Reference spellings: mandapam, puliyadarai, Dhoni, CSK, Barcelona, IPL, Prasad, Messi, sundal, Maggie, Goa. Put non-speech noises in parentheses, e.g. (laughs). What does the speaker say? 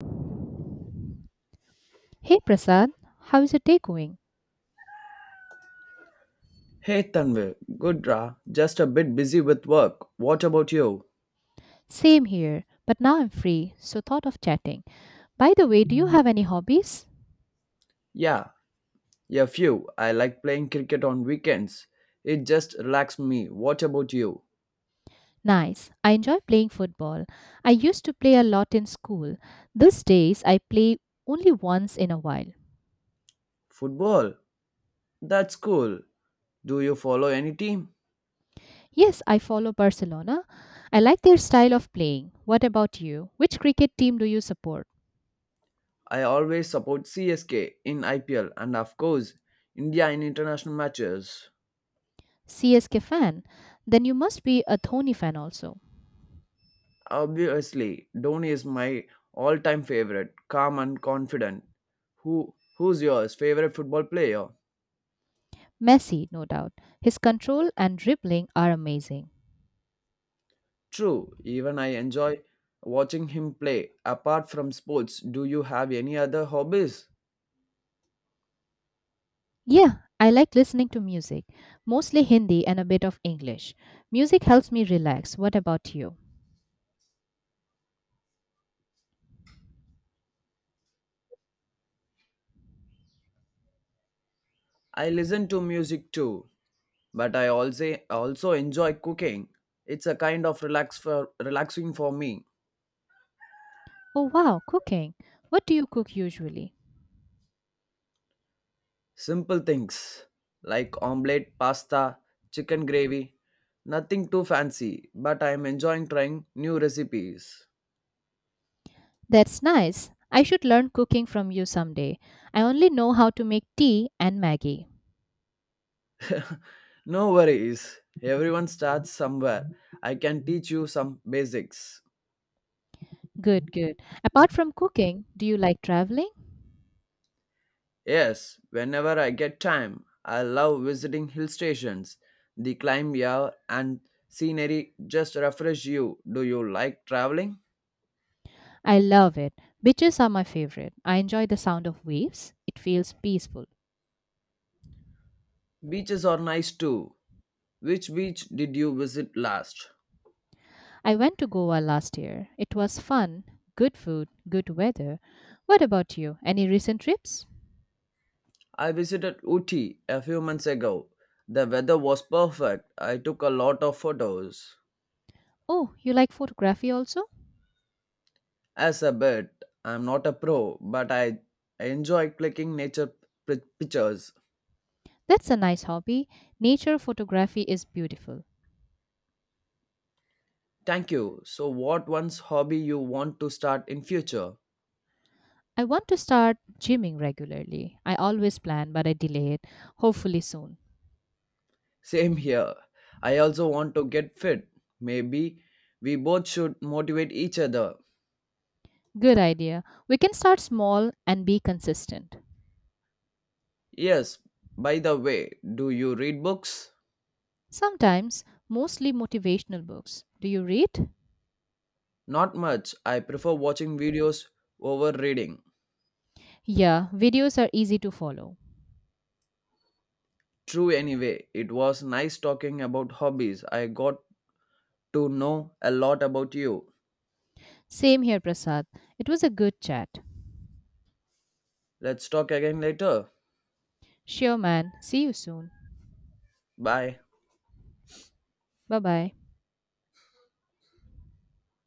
Hey Prasad, how is your day going? Hey Tanvir, good ra, just a bit busy with work. What about you? Same here, but now I'm free, so thought of chatting. By the way, do you have any hobbies? Yeah, yeah, few. I like playing cricket on weekends. It just relaxes me. What about you? Nice. I enjoy playing football. I used to play a lot in school. These days I play only once in a while. Football? That's cool. Do you follow any team? Yes, I follow Barcelona. I like their style of playing. What about you? Which cricket team do you support? I always support CSK in IPL, and of course India in international matches. CSK fan? Then you must be a Dhoni fan also. Obviously, Dhoni is my all-time favorite, calm and confident. Who's yours favorite football player? Messi, no doubt. His control and dribbling are amazing. True, even I enjoy watching him play. Apart from sports, do you have any other hobbies? Yeah, I like listening to music, mostly Hindi and a bit of English. Music helps me relax. What about you? I listen to music too, but I also enjoy cooking. It's a kind of relax for relaxing for me. Oh, wow, cooking. What do you cook usually? Simple things like omelette, pasta, chicken gravy. Nothing too fancy, but I am enjoying trying new recipes. That's nice. I should learn cooking from you someday. I only know how to make tea and Maggie. (laughs) no worries. Everyone starts somewhere. I can teach you some basics. Good, good. Apart from cooking, do you like traveling? Yes, whenever I get time, I love visiting hill stations. The climb here and scenery just refresh you. Do you like traveling? I love it. Beaches are my favorite. I enjoy the sound of waves, it feels peaceful. Beaches are nice too. Which beach did you visit last? I went to Goa last year. It was fun, good food, good weather. What about you? Any recent trips? I visited Uti a few months ago. The weather was perfect. I took a lot of photos. Oh, you like photography also? As a bit, I'm not a pro, but I enjoy clicking nature pictures. That's a nice hobby. Nature photography is beautiful. Thank you. So what one's hobby you want to start in future? I want to start gymming regularly. I always plan, but I delay it. Hopefully, soon. Same here. I also want to get fit. Maybe we both should motivate each other. Good idea. We can start small and be consistent. Yes, by the way, do you read books? Sometimes, mostly motivational books. Do you read? Not much. I prefer watching videos over reading. Yeah, videos are easy to follow. True, anyway, it was nice talking about hobbies. I got to know a lot about you. Same here, Prasad. It was a good chat. Let's talk again later. Sure, man. See you soon. Bye. Bye bye.